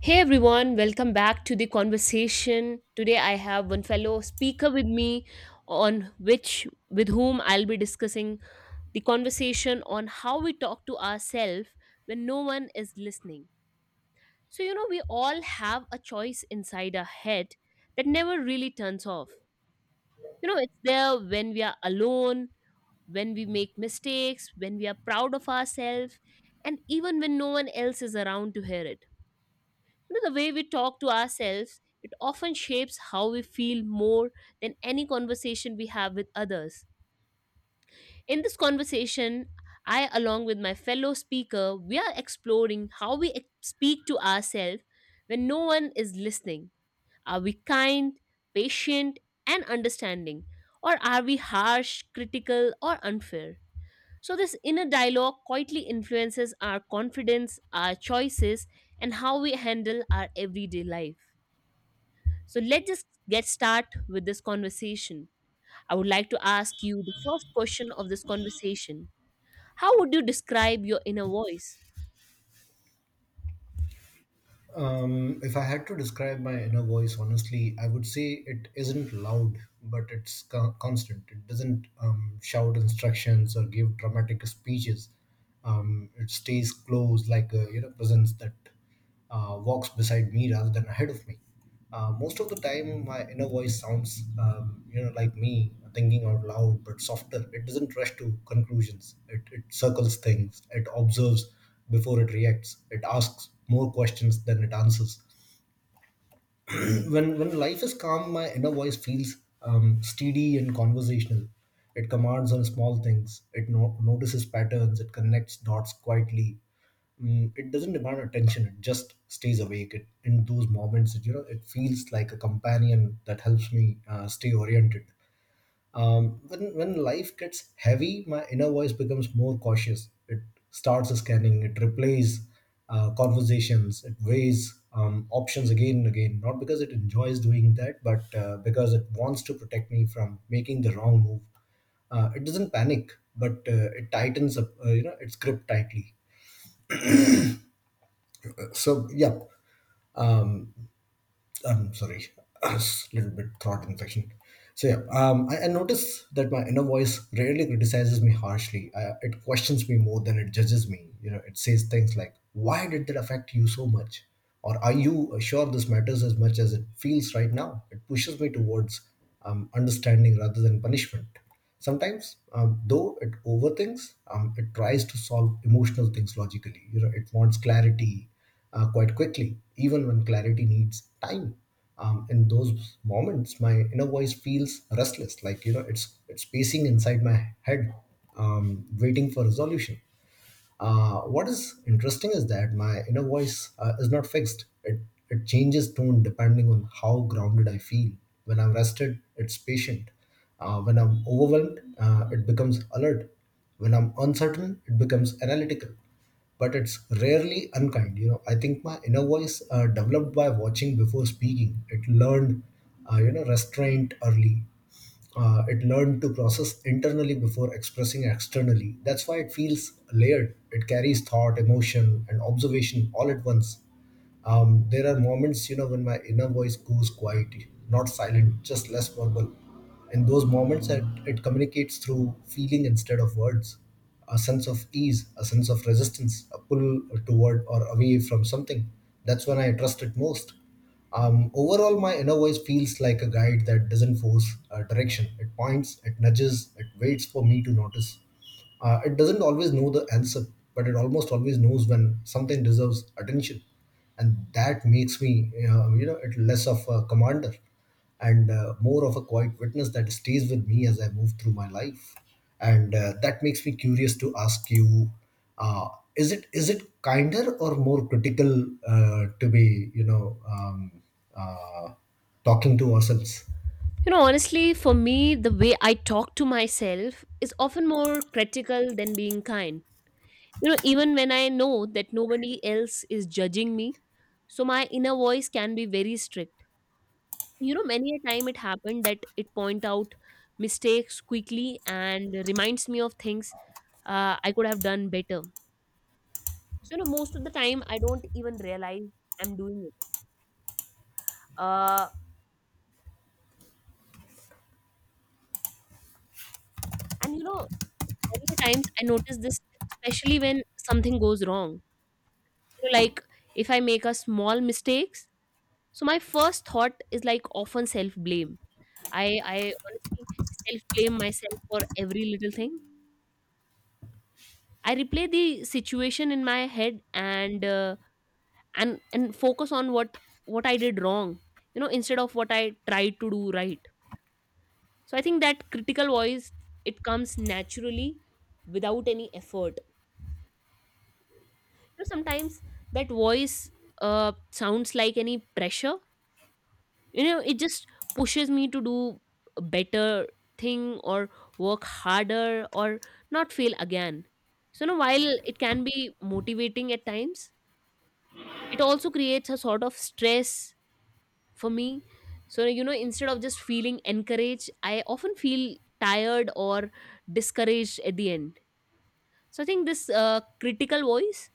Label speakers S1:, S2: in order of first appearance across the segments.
S1: Hey everyone, welcome back to the conversation. Today I have one fellow speaker with me on which with whom I'll be discussing the conversation on how we talk to ourselves when no one is listening. So you know we all have a choice inside our head that never really turns off. You know it's there when we are alone, when we make mistakes, when we are proud of ourselves, and even when no one else is around to hear it. You know, the way we talk to ourselves, it often shapes how we feel more than any conversation we have with others. In this conversation, I, along with my fellow speaker, we are exploring how we speak to ourselves when no one is listening. Are we kind, patient, and understanding? Or are we harsh, critical, or unfair? So, this inner dialogue quietly influences our confidence, our choices, and how we handle our everyday life. So let's just get start with this conversation. I would like to ask you the first question of this conversation. How would you describe your inner voice?
S2: If I had to describe my inner voice honestly, I would say it isn't loud, but it's constant. It doesn't shout instructions or give dramatic speeches. It stays close, like a presence that walks beside me rather than ahead of me. Most of the time, my inner voice sounds, like me thinking out loud, but softer. It doesn't rush to conclusions. It circles things. It observes before it reacts. It asks more questions than it answers. When life is calm, my inner voice feels steady and conversational. It commands on small things. It notices patterns. It connects dots quietly. It doesn't demand attention. It just stays awake. In those moments, it feels like a companion that helps me stay oriented. When life gets heavy, my inner voice becomes more cautious. It starts scanning. It replays conversations. It weighs options again and again. Not because it enjoys doing that, but because it wants to protect me from making the wrong move. It doesn't panic, but it tightens up. You know, its grip tightly. So yeah, I'm sorry, a little bit throat infection. So yeah, I notice that my inner voice rarely criticizes me harshly. It questions me more than it judges me. You know, it says things like, "Why did that affect you so much?" or "Are you sure this matters as much as it feels right now?" It pushes me towards understanding rather than punishment. Sometimes, though, it overthinks. It tries to solve emotional things logically. You know, it wants clarity quite quickly, even when clarity needs time. In those moments, my inner voice feels restless, like you know, it's pacing inside my head, waiting for resolution. What is interesting is that my inner voice is not fixed. It changes tone depending on how grounded I feel. When I'm rested, it's patient. When I'm overwhelmed, it becomes alert. When I'm uncertain, it becomes analytical. But it's rarely unkind. You know, I think my inner voice developed by watching before speaking. It learned, you know, restraint early. It learned to process internally before expressing externally. That's why it feels layered. It carries thought, emotion, and observation all at once. There are moments, you know, when my inner voice goes quiet, not silent, just less verbal. In those moments, it communicates through feeling instead of words. A sense of ease, a sense of resistance, a pull toward or away from something. That's when I trust it most. Overall, my inner voice feels like a guide that doesn't force direction. It points, it nudges, it waits for me to notice. It doesn't always know the answer, but it almost always knows when something deserves attention, and that makes me, you know, it less of a commander and more of a quiet witness that stays with me as I move through my life. And that makes me curious to ask you: uh, is it kinder or more critical to be uh, talking to ourselves?
S1: You know, honestly, for me, the way I talk to myself is often more critical than being kind. You know, even when I know that nobody else is judging me, so my inner voice can be very strict. You know, many a time it happened that it point out mistakes quickly and reminds me of things I could have done better. So, you know, most of the time I don't even realize I'm doing it. Uh, and you know, many times I notice this, especially when something goes wrong. You know, like if I make a small mistakes, so my first thought is like often self blame. I honestly self blame myself for every little thing. I replay the situation in my head and focus on what I did wrong. You know, instead of what I tried to do right. So I think that critical voice, it comes naturally without any effort. You know, sometimes that voice sounds like any pressure. You know, it just pushes me to do a better thing or work harder or not fail again. So you know, while it can be motivating at times, it also creates a sort of stress for me. So you know, instead of just feeling encouraged, I often feel tired or discouraged at the end. So I think this critical voice,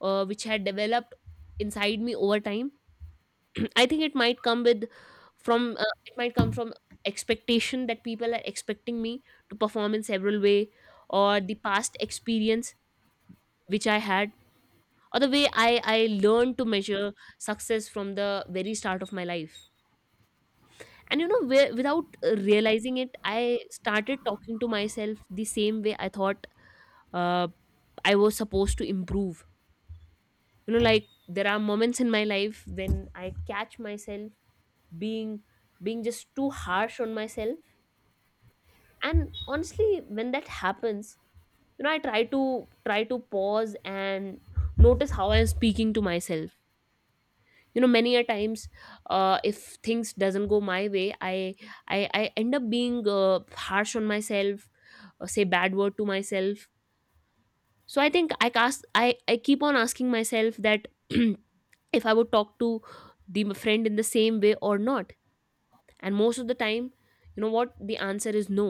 S1: which had developed inside me over time, I think it might come from expectation that people are expecting me to perform in several way, or the past experience which I had, or the way I learned to measure success from the very start of my life. And you know, without realizing it, I started talking to myself the same way I thought uh, I was supposed to improve. You know, like there are moments in my life when I catch myself being being just too harsh on myself. And honestly, when that happens, you know, I try to pause and notice how I'm speaking to myself. You know, many a times, if things doesn't go my way, I end up being harsh on myself, say bad word to myself. So I think I cast I keep on asking myself that if I would talk to the friend in the same way or not. And most of the time, you know what, the answer is no.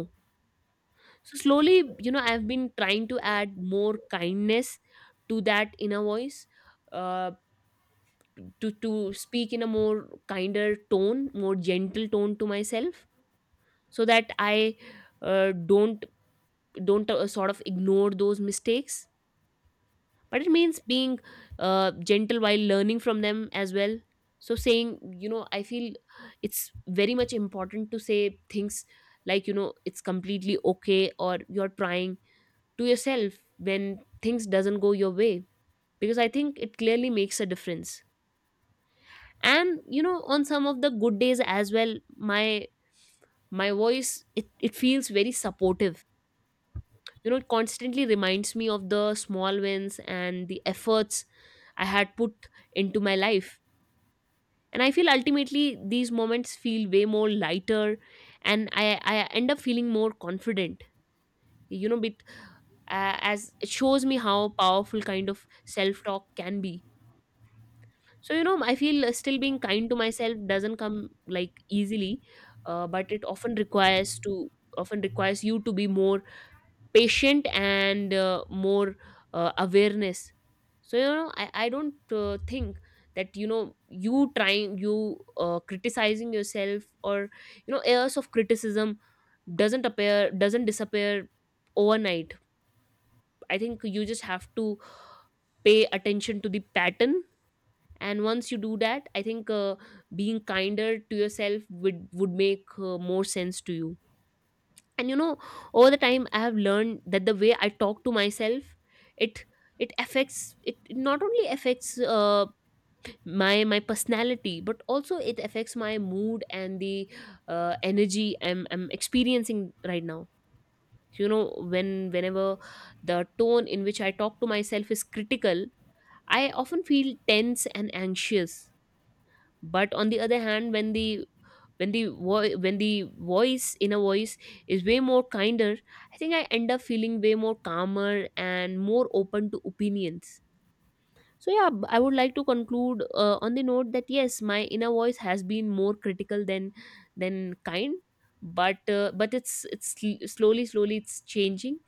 S1: So slowly, you know, I've been trying to add more kindness to that inner voice, uh, to speak in a more kinder tone, more gentle tone to myself, so that i uh, don't don't uh, sort of ignore those mistakes, but it means being gentle while learning from them as well. So saying, you know, I feel it's very much important to say things like, you know, it's completely okay or you're trying, to yourself when things doesn't go your way, because I think it clearly makes a difference. And you know, on some of the good days as well, my voice, it feels very supportive. You know, it constantly reminds me of the small wins and the efforts I had put into my life. And I feel ultimately these moments feel way more lighter, and I end up feeling more confident, you know, bit as it shows me how powerful kind of self talk can be. So you know, I feel still being kind to myself doesn't come like easily, but it often requires to often requires you to be more patient and more awareness. So you know, I don't think that, you know, you criticizing yourself, or you know, airs of criticism doesn't disappear overnight. I think you just have to pay attention to the pattern, and once you do that, I think being kinder to yourself would make more sense to you. And you know, over the time, I have learned that the way I talk to myself, it it not only affects my personality, but also it affects my mood and the energy I'm experiencing right now. You know, whenever the tone in which I talk to myself is critical, I often feel tense and anxious. But on the other hand, when the voice inner voice is way more kinder, I think I end up feeling way more calmer and more open to opinions. So yeah, I would like to conclude on the note that yes, my inner voice has been more critical than kind, but it's slowly it's changing.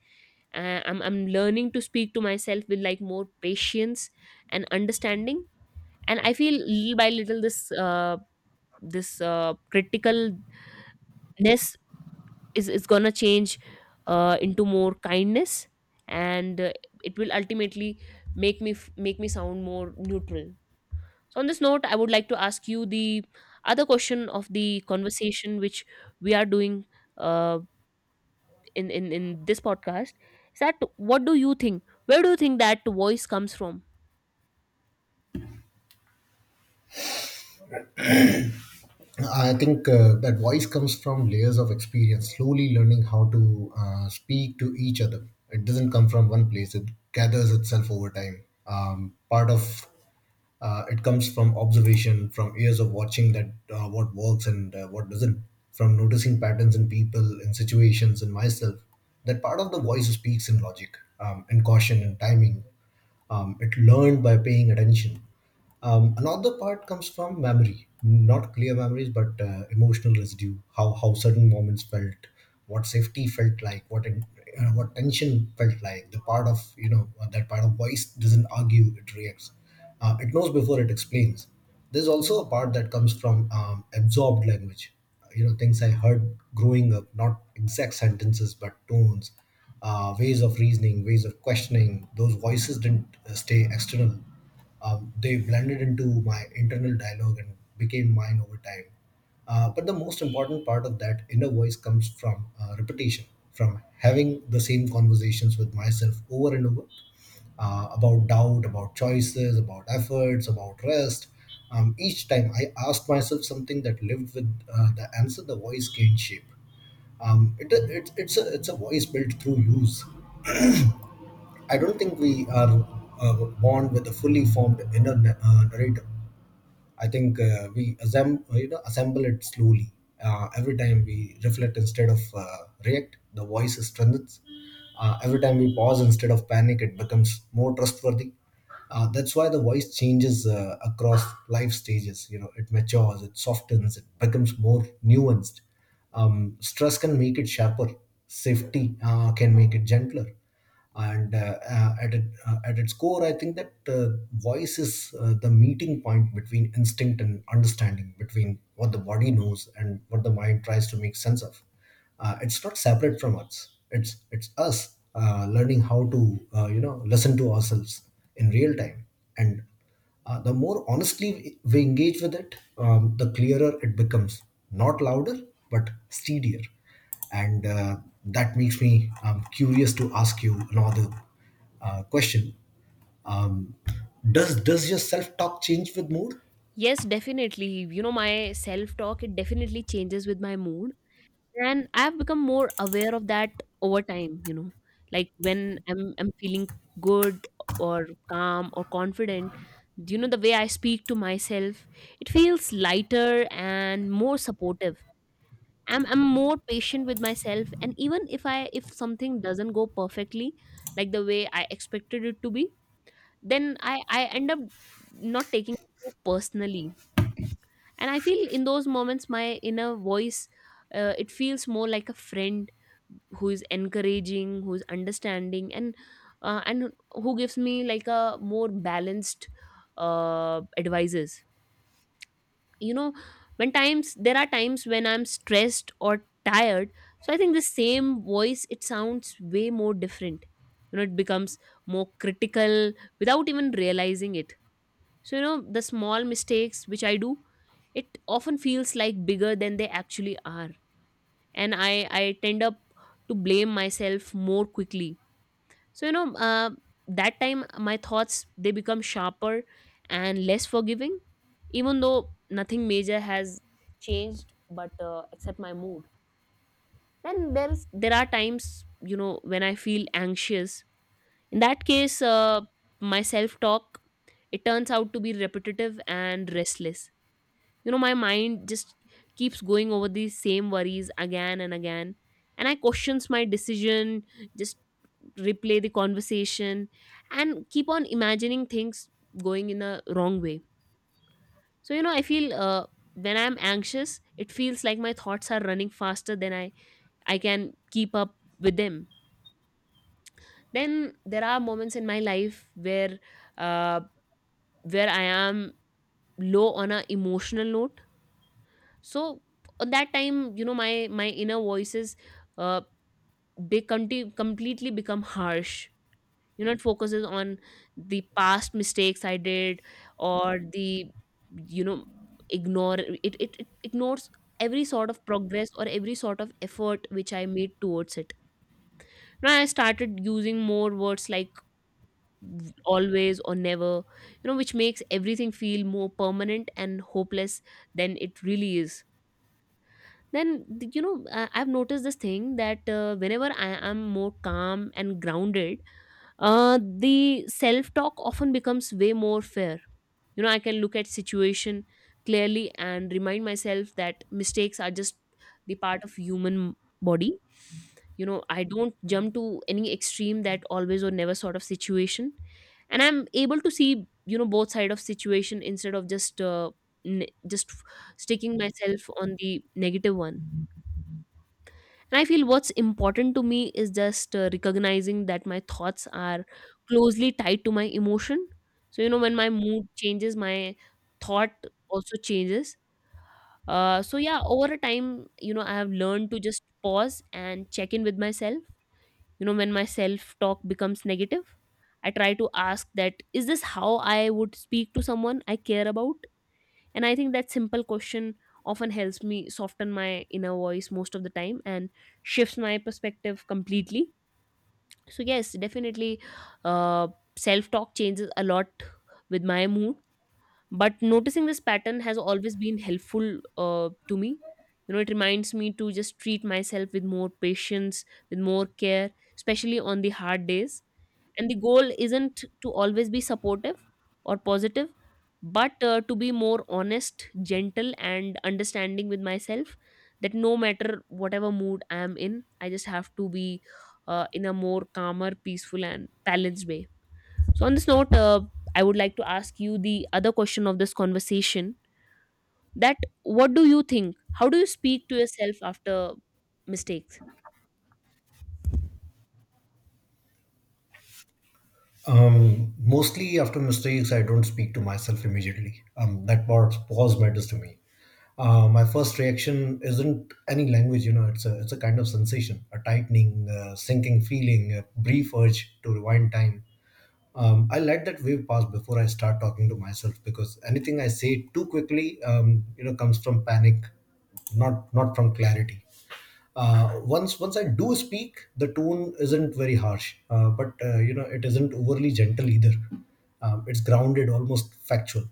S1: I'm learning to speak to myself with like more patience and understanding, and I feel little by little this criticalness is gonna change into more kindness. And it will ultimately make me sound more neutral. So on this note, I would like to ask you the other question of the conversation which we are doing, uh, in this podcast, is that what do you think where do you think that voice comes from?
S2: I think that voice comes from layers of experience, slowly learning how to speak to each other. It doesn't come from one place, it gathers itself over time. Part of it comes from observation, from years of watching that what works and what doesn't, from noticing patterns in people, in situations, in myself. That part of the voice speaks in logic, in caution, in timing, it learned by paying attention. Another part comes from memory, not clear memories, but emotional residue. How certain moments felt, what safety felt like, what tension felt like. The part of you know that part of voice doesn't argue; it reacts. It knows before it explains. There's also a part that comes from absorbed language, you know, things I heard growing up, not exact sentences but tones, ways of reasoning, ways of questioning. Those voices didn't stay external, they blended into my internal dialogue and became mine over time. But the most important part of that inner voice comes from repetition, from having the same conversations with myself over and over, about doubt, about choices, about efforts, about rest. Each time I asked myself something that lived with the answer, the voice gained shape. It's a voice built through use. I don't think we are born with a fully formed inner narrator. I think we assemble, you know, assemble it slowly. Every time we reflect instead of react, the voice strengthens. Every time we pause instead of panic, it becomes more trustworthy. That's why the voice changes across life stages. You know, it matures, it softens, it becomes more nuanced. Stress can make it sharper. Safety can make it gentler, and at its core I think that voice is the meeting point between instinct and understanding, between what the body knows and what the mind tries to make sense of. It's not separate from us, it's us learning how to you know listen to ourselves in real time, and the more honestly we engage with it, the clearer it becomes. Not louder, but steadier. And that makes me curious to ask you another question. Um, does your self talk change with mood?
S1: Yes, definitely. You know, my self talk, it definitely changes with my mood. And I've become more aware of that over time, you know. Like when I'm feeling good or calm or confident, you know, the way I speak to myself, it feels lighter and more supportive. I'm more patient with myself, and even if something doesn't go perfectly, like the way I expected it to be, then I end up not taking it too personally. And I feel in those moments my inner voice, it feels more like a friend who is encouraging, who is understanding, and and who gives me like a more balanced advices. You know, when times there are times when I'm stressed or tired, so I think the same voice, it sounds way more different. You know, it becomes more critical without even realizing it. So, you know, the small mistakes which I do, it often feels like bigger than they actually are. And I tend up to blame myself more quickly. So, you know, that time my thoughts, they become sharper and less forgiving, even though nothing major has changed, but except my mood. Then there are times, you know, when I feel anxious. In that case, my self-talk, it turns out to be repetitive and restless. You know, my mind just keeps going over these same worries again and again. And I questions my decision, just replay the conversation, and keep on imagining things going in a wrong way. So, you know, I feel when I'm anxious, it feels like my thoughts are running faster than I can keep up with them. Then there are moments in my life uh, where I am low on a emotional note. So at that time, you know, my inner voices, uh they completely become harsh. You know, it focuses on the past mistakes I did, or the, you know, ignore it, it it ignores every sort of progress or every sort of effort which I made towards it. Now I started using more words like always or never, you know, which makes everything feel more permanent and hopeless than it really is. Then you know, I've noticed this thing that whenever I am more calm and grounded, uh, the self talk often becomes way more fair. You know, I can look at situation clearly and remind myself that mistakes are just the part of human body. I don't jump to any extreme, that always or never sort of situation. And I'm able to see both side of situation instead of just sticking myself on the negative one. And I feel what's important to me is just recognizing that my thoughts are closely tied to my emotion. So, when my mood changes, my thought also changes. So, yeah, over a time, I have learned to just pause and check in with myself. You know, when my self talk becomes negative, I try to ask that, is this how I would speak to someone I care about? And I think that simple question often helps me soften my inner voice most of the time and shifts my perspective completely. So, yes, definitely, uh, self talk changes a lot with my mood. But noticing this pattern has always been helpful to me. You know, it reminds me to just treat myself with more patience, with more care, especially on the hard days, and the goal isn't to always be supportive or positive, but to be more honest, gentle and understanding with myself, that no matter whatever mood I am in, I just have to be in a more calmer, peaceful and balanced way. So on this note, I would like to ask you the other question of this conversation, that what do you think, how do you speak to yourself after mistakes?
S2: Mostly after mistakes, I don't speak to myself immediately. That part pause matters to me. My first reaction isn't any language, you know. It's a kind of sensation, a tightening, sinking feeling, a brief urge to rewind time. I let that wave pass before I start talking to myself, because anything I say too quickly, you know, comes from panic, not from clarity. Once I do speak, the tone isn't very harsh, but you know, it isn't overly gentle either. It's grounded, almost factual.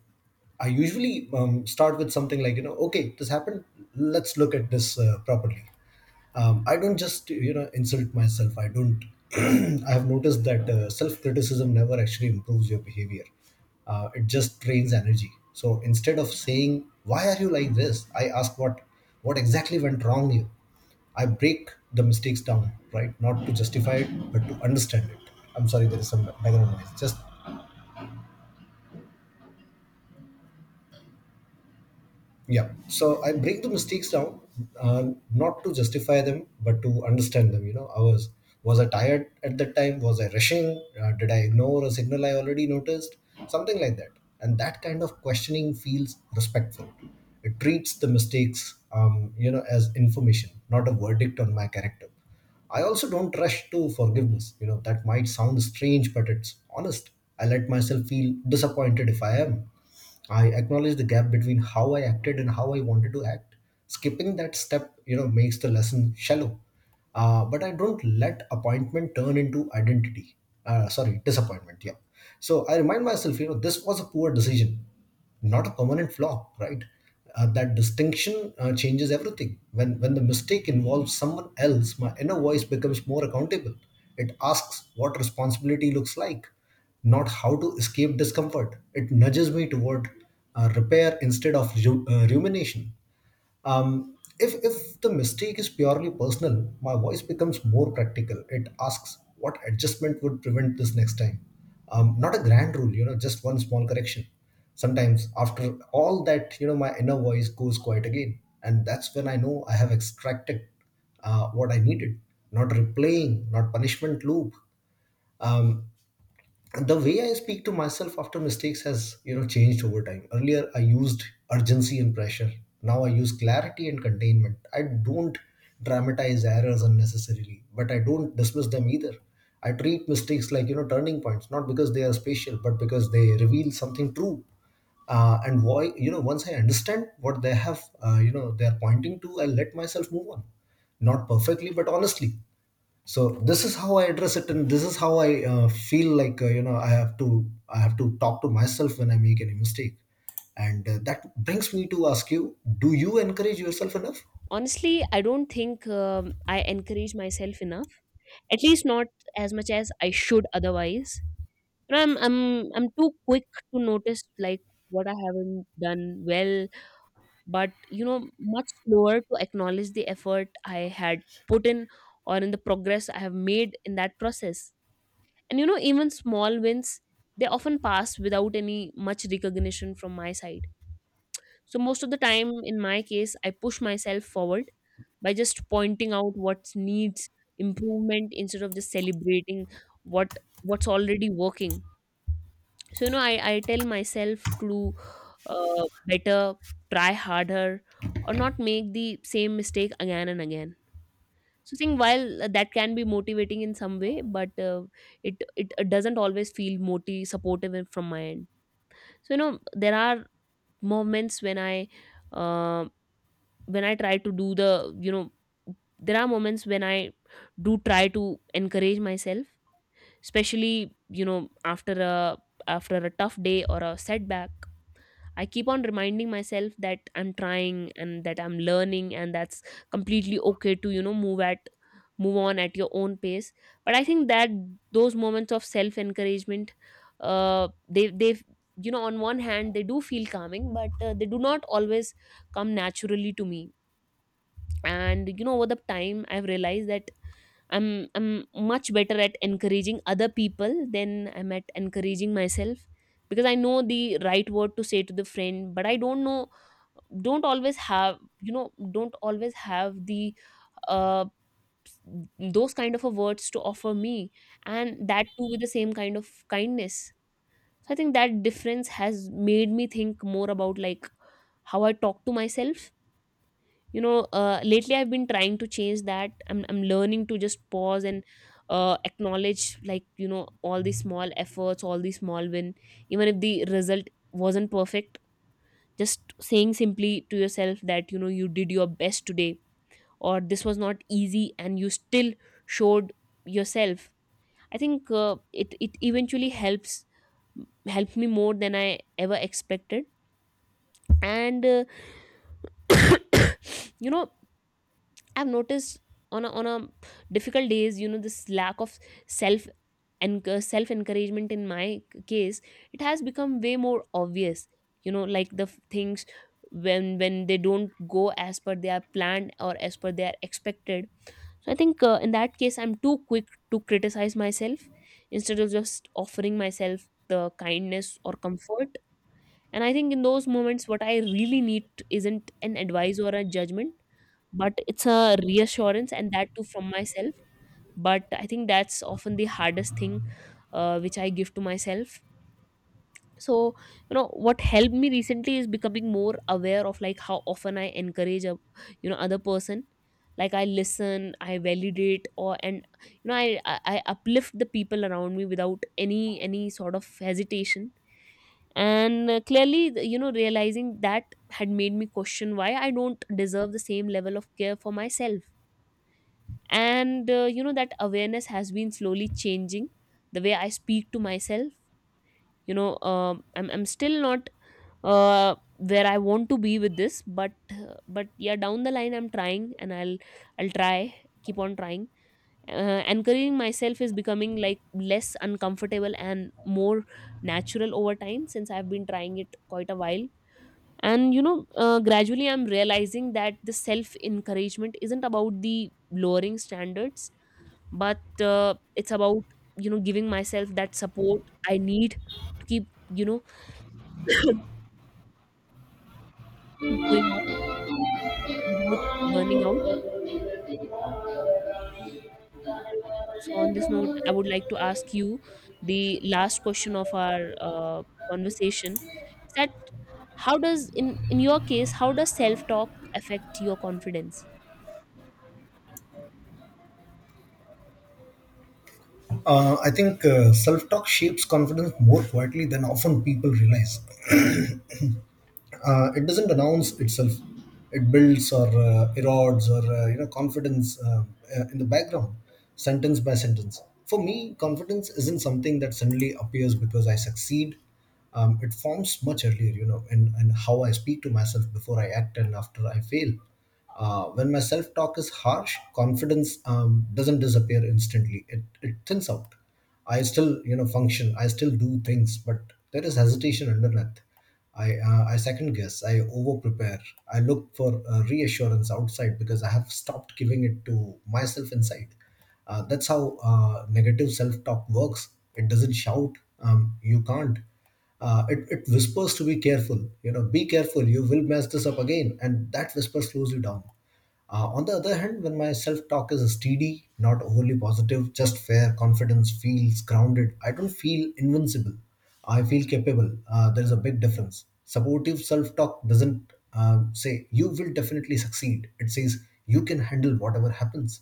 S2: I usually start with something like, you know, okay, this happened. Let's look at this properly. I don't just you know insult myself. I don't. I have noticed that self-criticism never actually improves your behavior. It just drains energy. So instead of saying why are you like this, I ask what exactly went wrong here. I break the mistakes down, right, not to justify it but to understand it. I'm sorry, there is some background noise, just Yeah. So I break the mistakes down, not to justify them, but to understand them. You know, I was I tired at that time? Was I rushing? Did I ignore a signal I already noticed? Something like that. And that kind of questioning feels respectful. It treats the mistakes, you know, as information, not a verdict on my character. I also don't rush to forgiveness. You know, that might sound strange, but it's honest. I let myself feel disappointed if I am. I acknowledge the gap between how I acted and how I wanted to act. Skipping that step, you know, makes the lesson shallow. But I don't let appointment turn into identity. Sorry, disappointment. Yeah. So I remind myself, you know, this was a poor decision, not a permanent flaw, right? That distinction changes everything. When the mistake involves someone else, my inner voice becomes more accountable. It asks what responsibility looks like, not how to escape discomfort. It nudges me toward repair instead of rumination. If the mistake is purely personal, my voice becomes more practical. It asks what adjustment would prevent this next time. Not a grand rule, you know, just one small correction. Sometimes after all that, you know, my inner voice goes quiet again. And that's when I know I have extracted what I needed. Not replaying, not punishment loop. Um, the way I speak to myself after mistakes has, you know, changed over time. Earlier I used urgency and pressure, now I use clarity and containment. I don't dramatize errors unnecessarily, but I don't dismiss them either. I treat mistakes like, you know, turning points, not because they are special but because they reveal something true. And why, you know, once I understand what they have, you know, they are pointing to, I let myself move on. Not perfectly, but honestly. So this is how I address it, and this is how I, feel like, you know, I have to talk to myself when I make any mistake. And that brings me to ask you, do you encourage yourself enough?
S1: Honestly, I don't think, I encourage myself enough. At least not as much as I should otherwise. You know, I'm too quick to notice, like, what I haven't done well, but much slower to acknowledge the effort I had put in, or in the progress I have made in that process. And even small wins, they often pass without any much recognition from my side. So most of the time in my case, I push myself forward by just pointing out what needs improvement instead of just celebrating what what's already working. So I tell myself to do better, try harder, or not make the same mistake again and again. So I think, while that can be motivating in some way, but it doesn't always feel moti supportive from my end. So there are moments when I, uh when I try to do the, there are moments when I do try to encourage myself, especially, after a tough day or a setback. I keep on reminding myself that I'm trying and that I'm learning, and that's completely okay to, move on at your own pace. But I think that those moments of self encouragement, they on one hand they do feel calming, but they do not always come naturally to me. And over the time, I've realized that I'm much better at encouraging other people than I'm at encouraging myself, because I know the right word to say to the friend, but I don't know, don't always have you know don't always have the uh those kind of a words to offer me, and that too with the same kind of kindness. So I think that difference has made me think more about, like, how I talk to myself. Lately I've been trying to change that. I'm learning to just pause and acknowledge, like, all these small efforts, all these small win, even if the result wasn't perfect. Just saying simply to yourself that, you did your best today, or this was not easy and you still showed yourself. I think it eventually helps helped me more than I ever expected. And you know I've noticed, on a difficult days, this lack of self and self encouragement in my case, it has become way more obvious. You know, like the things, when they don't go as per they are planned or as per they are expected. So I think in that case, I'm too quick to criticize myself instead of just offering myself the kindness or comfort. And I think in those moments, what I really need isn't an advice or a judgment, but it's a reassurance, and that too from myself. But I think that's often the hardest thing which I give to myself. So what helped me recently is becoming more aware of, like, how often I encourage a, other person. Like, I listen, I validate, or and I uplift the people around me without any sort of hesitation. And clearly, realizing that had made me question why I don't deserve the same level of care for myself. And that awareness has been slowly changing the way I speak to myself. I'm still not where I want to be with this, but but yeah, down the line, I'm trying, and I'll try, keep on trying. Anchoring myself is becoming, like, less uncomfortable and more natural over time, since I've been trying it quite a while. And gradually I'm realizing that the self encouragement isn't about the lowering standards, but it's about, giving myself that support I need to keep, you know keep going on, without burning out. So on this note, I would like to ask you the last question of our conversation, is that, how does in your case, how does self talk affect your confidence?
S2: I think, self-talk shapes confidence more quietly than often people realize. It doesn't announce itself. It builds or erodes, or you know, confidence, in the background, sentence by sentence. For me, confidence isn't something that suddenly appears because I succeed. It forms much earlier, you know, in how I speak to myself before I act and after I fail. When my self talk is harsh, confidence, doesn't disappear instantly. It thins out. I still, you know, function. I still do things, but there is hesitation underneath. I second guess. I over prepare. I look for reassurance outside because I have stopped giving it to myself inside. That's how negative self talk works. It doesn't shout. You can't. It whispers to be careful. You know, be careful. You will mess this up again, and that whisper slows you down. On the other hand, when my self talk is steady, not overly positive, just fair, confidence feels grounded. I don't feel invincible. I feel capable. There is a big difference. Supportive self talk doesn't, say, you will definitely succeed. It says, you can handle whatever happens.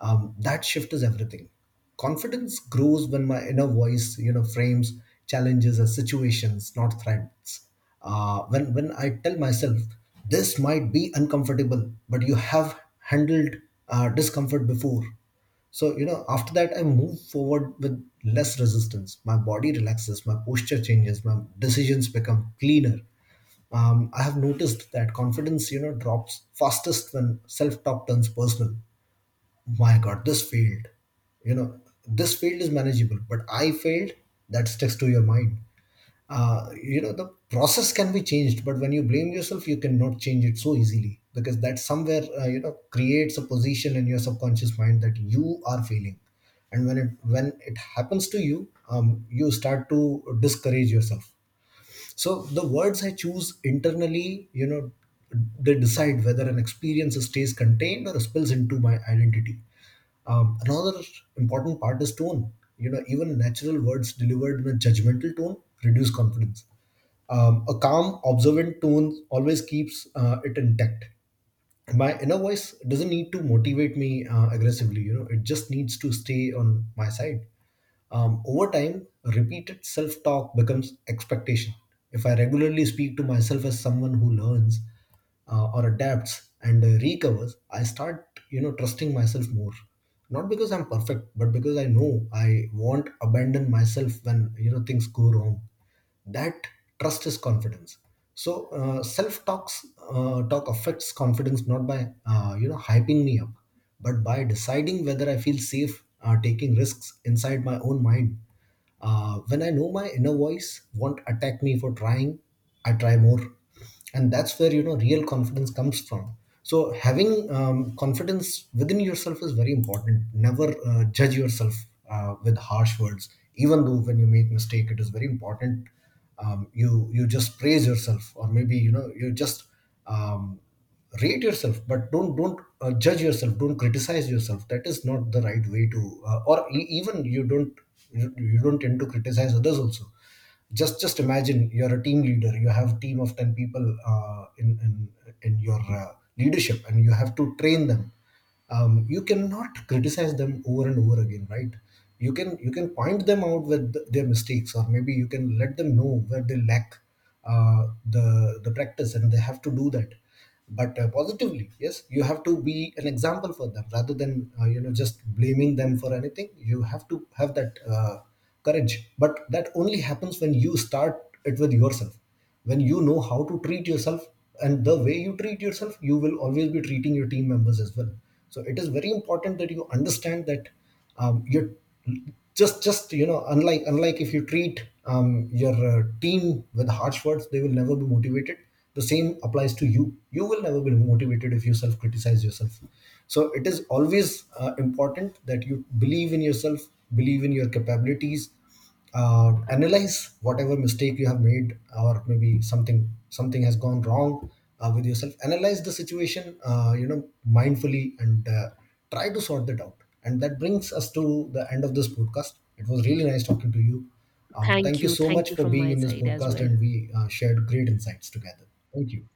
S2: That shift is everything. Confidence grows when my inner voice, you know, frames challenges as situations, not threats. When I tell myself this might be uncomfortable, but you have handled discomfort before. So, you know, after that, I move forward with less resistance. My body relaxes, my posture changes, my decisions become cleaner. I have noticed that confidence, you know, drops fastest when self talk turns personal. My God, this failed. You know, this field is manageable but I failed. That sticks to your mind. You know, the process can be changed, but when you blame yourself you cannot change it so easily, because that somewhere, you know, creates a position in your subconscious mind that you are failing. And when it happens to you, you start to discourage yourself. So the words I choose internally, you know, they decide whether an experience stays contained or spills into my identity. Another important part is tone. You know, even natural words delivered in a judgmental tone reduce confidence. A calm observant tone always keeps, it intact. My inner voice doesn't need to motivate me aggressively, you know, it just needs to stay on my side. Over time, repeated self-talk becomes expectation. If I regularly speak to myself as someone who learns, or adapts and recovers, I start, you know, trusting myself more. Not because I'm perfect, but because I know I won't abandon myself when, you know, things go wrong. That trust is confidence. So, self talks talk affects confidence not by, you know, hyping me up, but by deciding whether I feel safe, taking risks inside my own mind. When I know my inner voice won't attack me for trying, I try more. And that's where, you know, real confidence comes from. So having, confidence within yourself is very important. Never judge yourself with harsh words. Even though when you make mistake, it is very important, you, you just praise yourself, or maybe, you know, you just, um, rate yourself, but don't judge yourself. Don't criticize yourself. That is not the right way to, even you don't, you don't tend to criticize others also. Just imagine you're a team leader. You have a team of 10 people, uh, in, in in your, leadership, and you have to train them. You cannot criticize them over and over again, right? You can point them out with their mistakes, or maybe you can let them know where they lack uh, the the practice, and they have to do that. But positively, yes, you have to be an example for them rather than, you know, just blaming them for anything. You have to have that courage, but that only happens when you start it with yourself. When you know how to treat yourself, and the way you treat yourself, you will always be treating your team members as well. So it is very important that you understand that. You just you know, unlike, if you treat, your team with harsh words, they will never be motivated. The same applies to you. You will never be motivated if you self criticize yourself. So it is always important that you believe in yourself, believe in your capabilities. Analyze whatever mistake you have made, or maybe something has gone wrong, with yourself. Analyze the situation you know, mindfully, and try to sort that out. And that brings us to the end of this podcast. It was really nice talking to you. Thank
S1: Thank
S2: you
S1: you.
S2: so much
S1: Thank you
S2: for
S1: from
S2: being
S1: my
S2: in this
S1: side as
S2: podcast,
S1: well.
S2: and we shared great insights together. Thank you.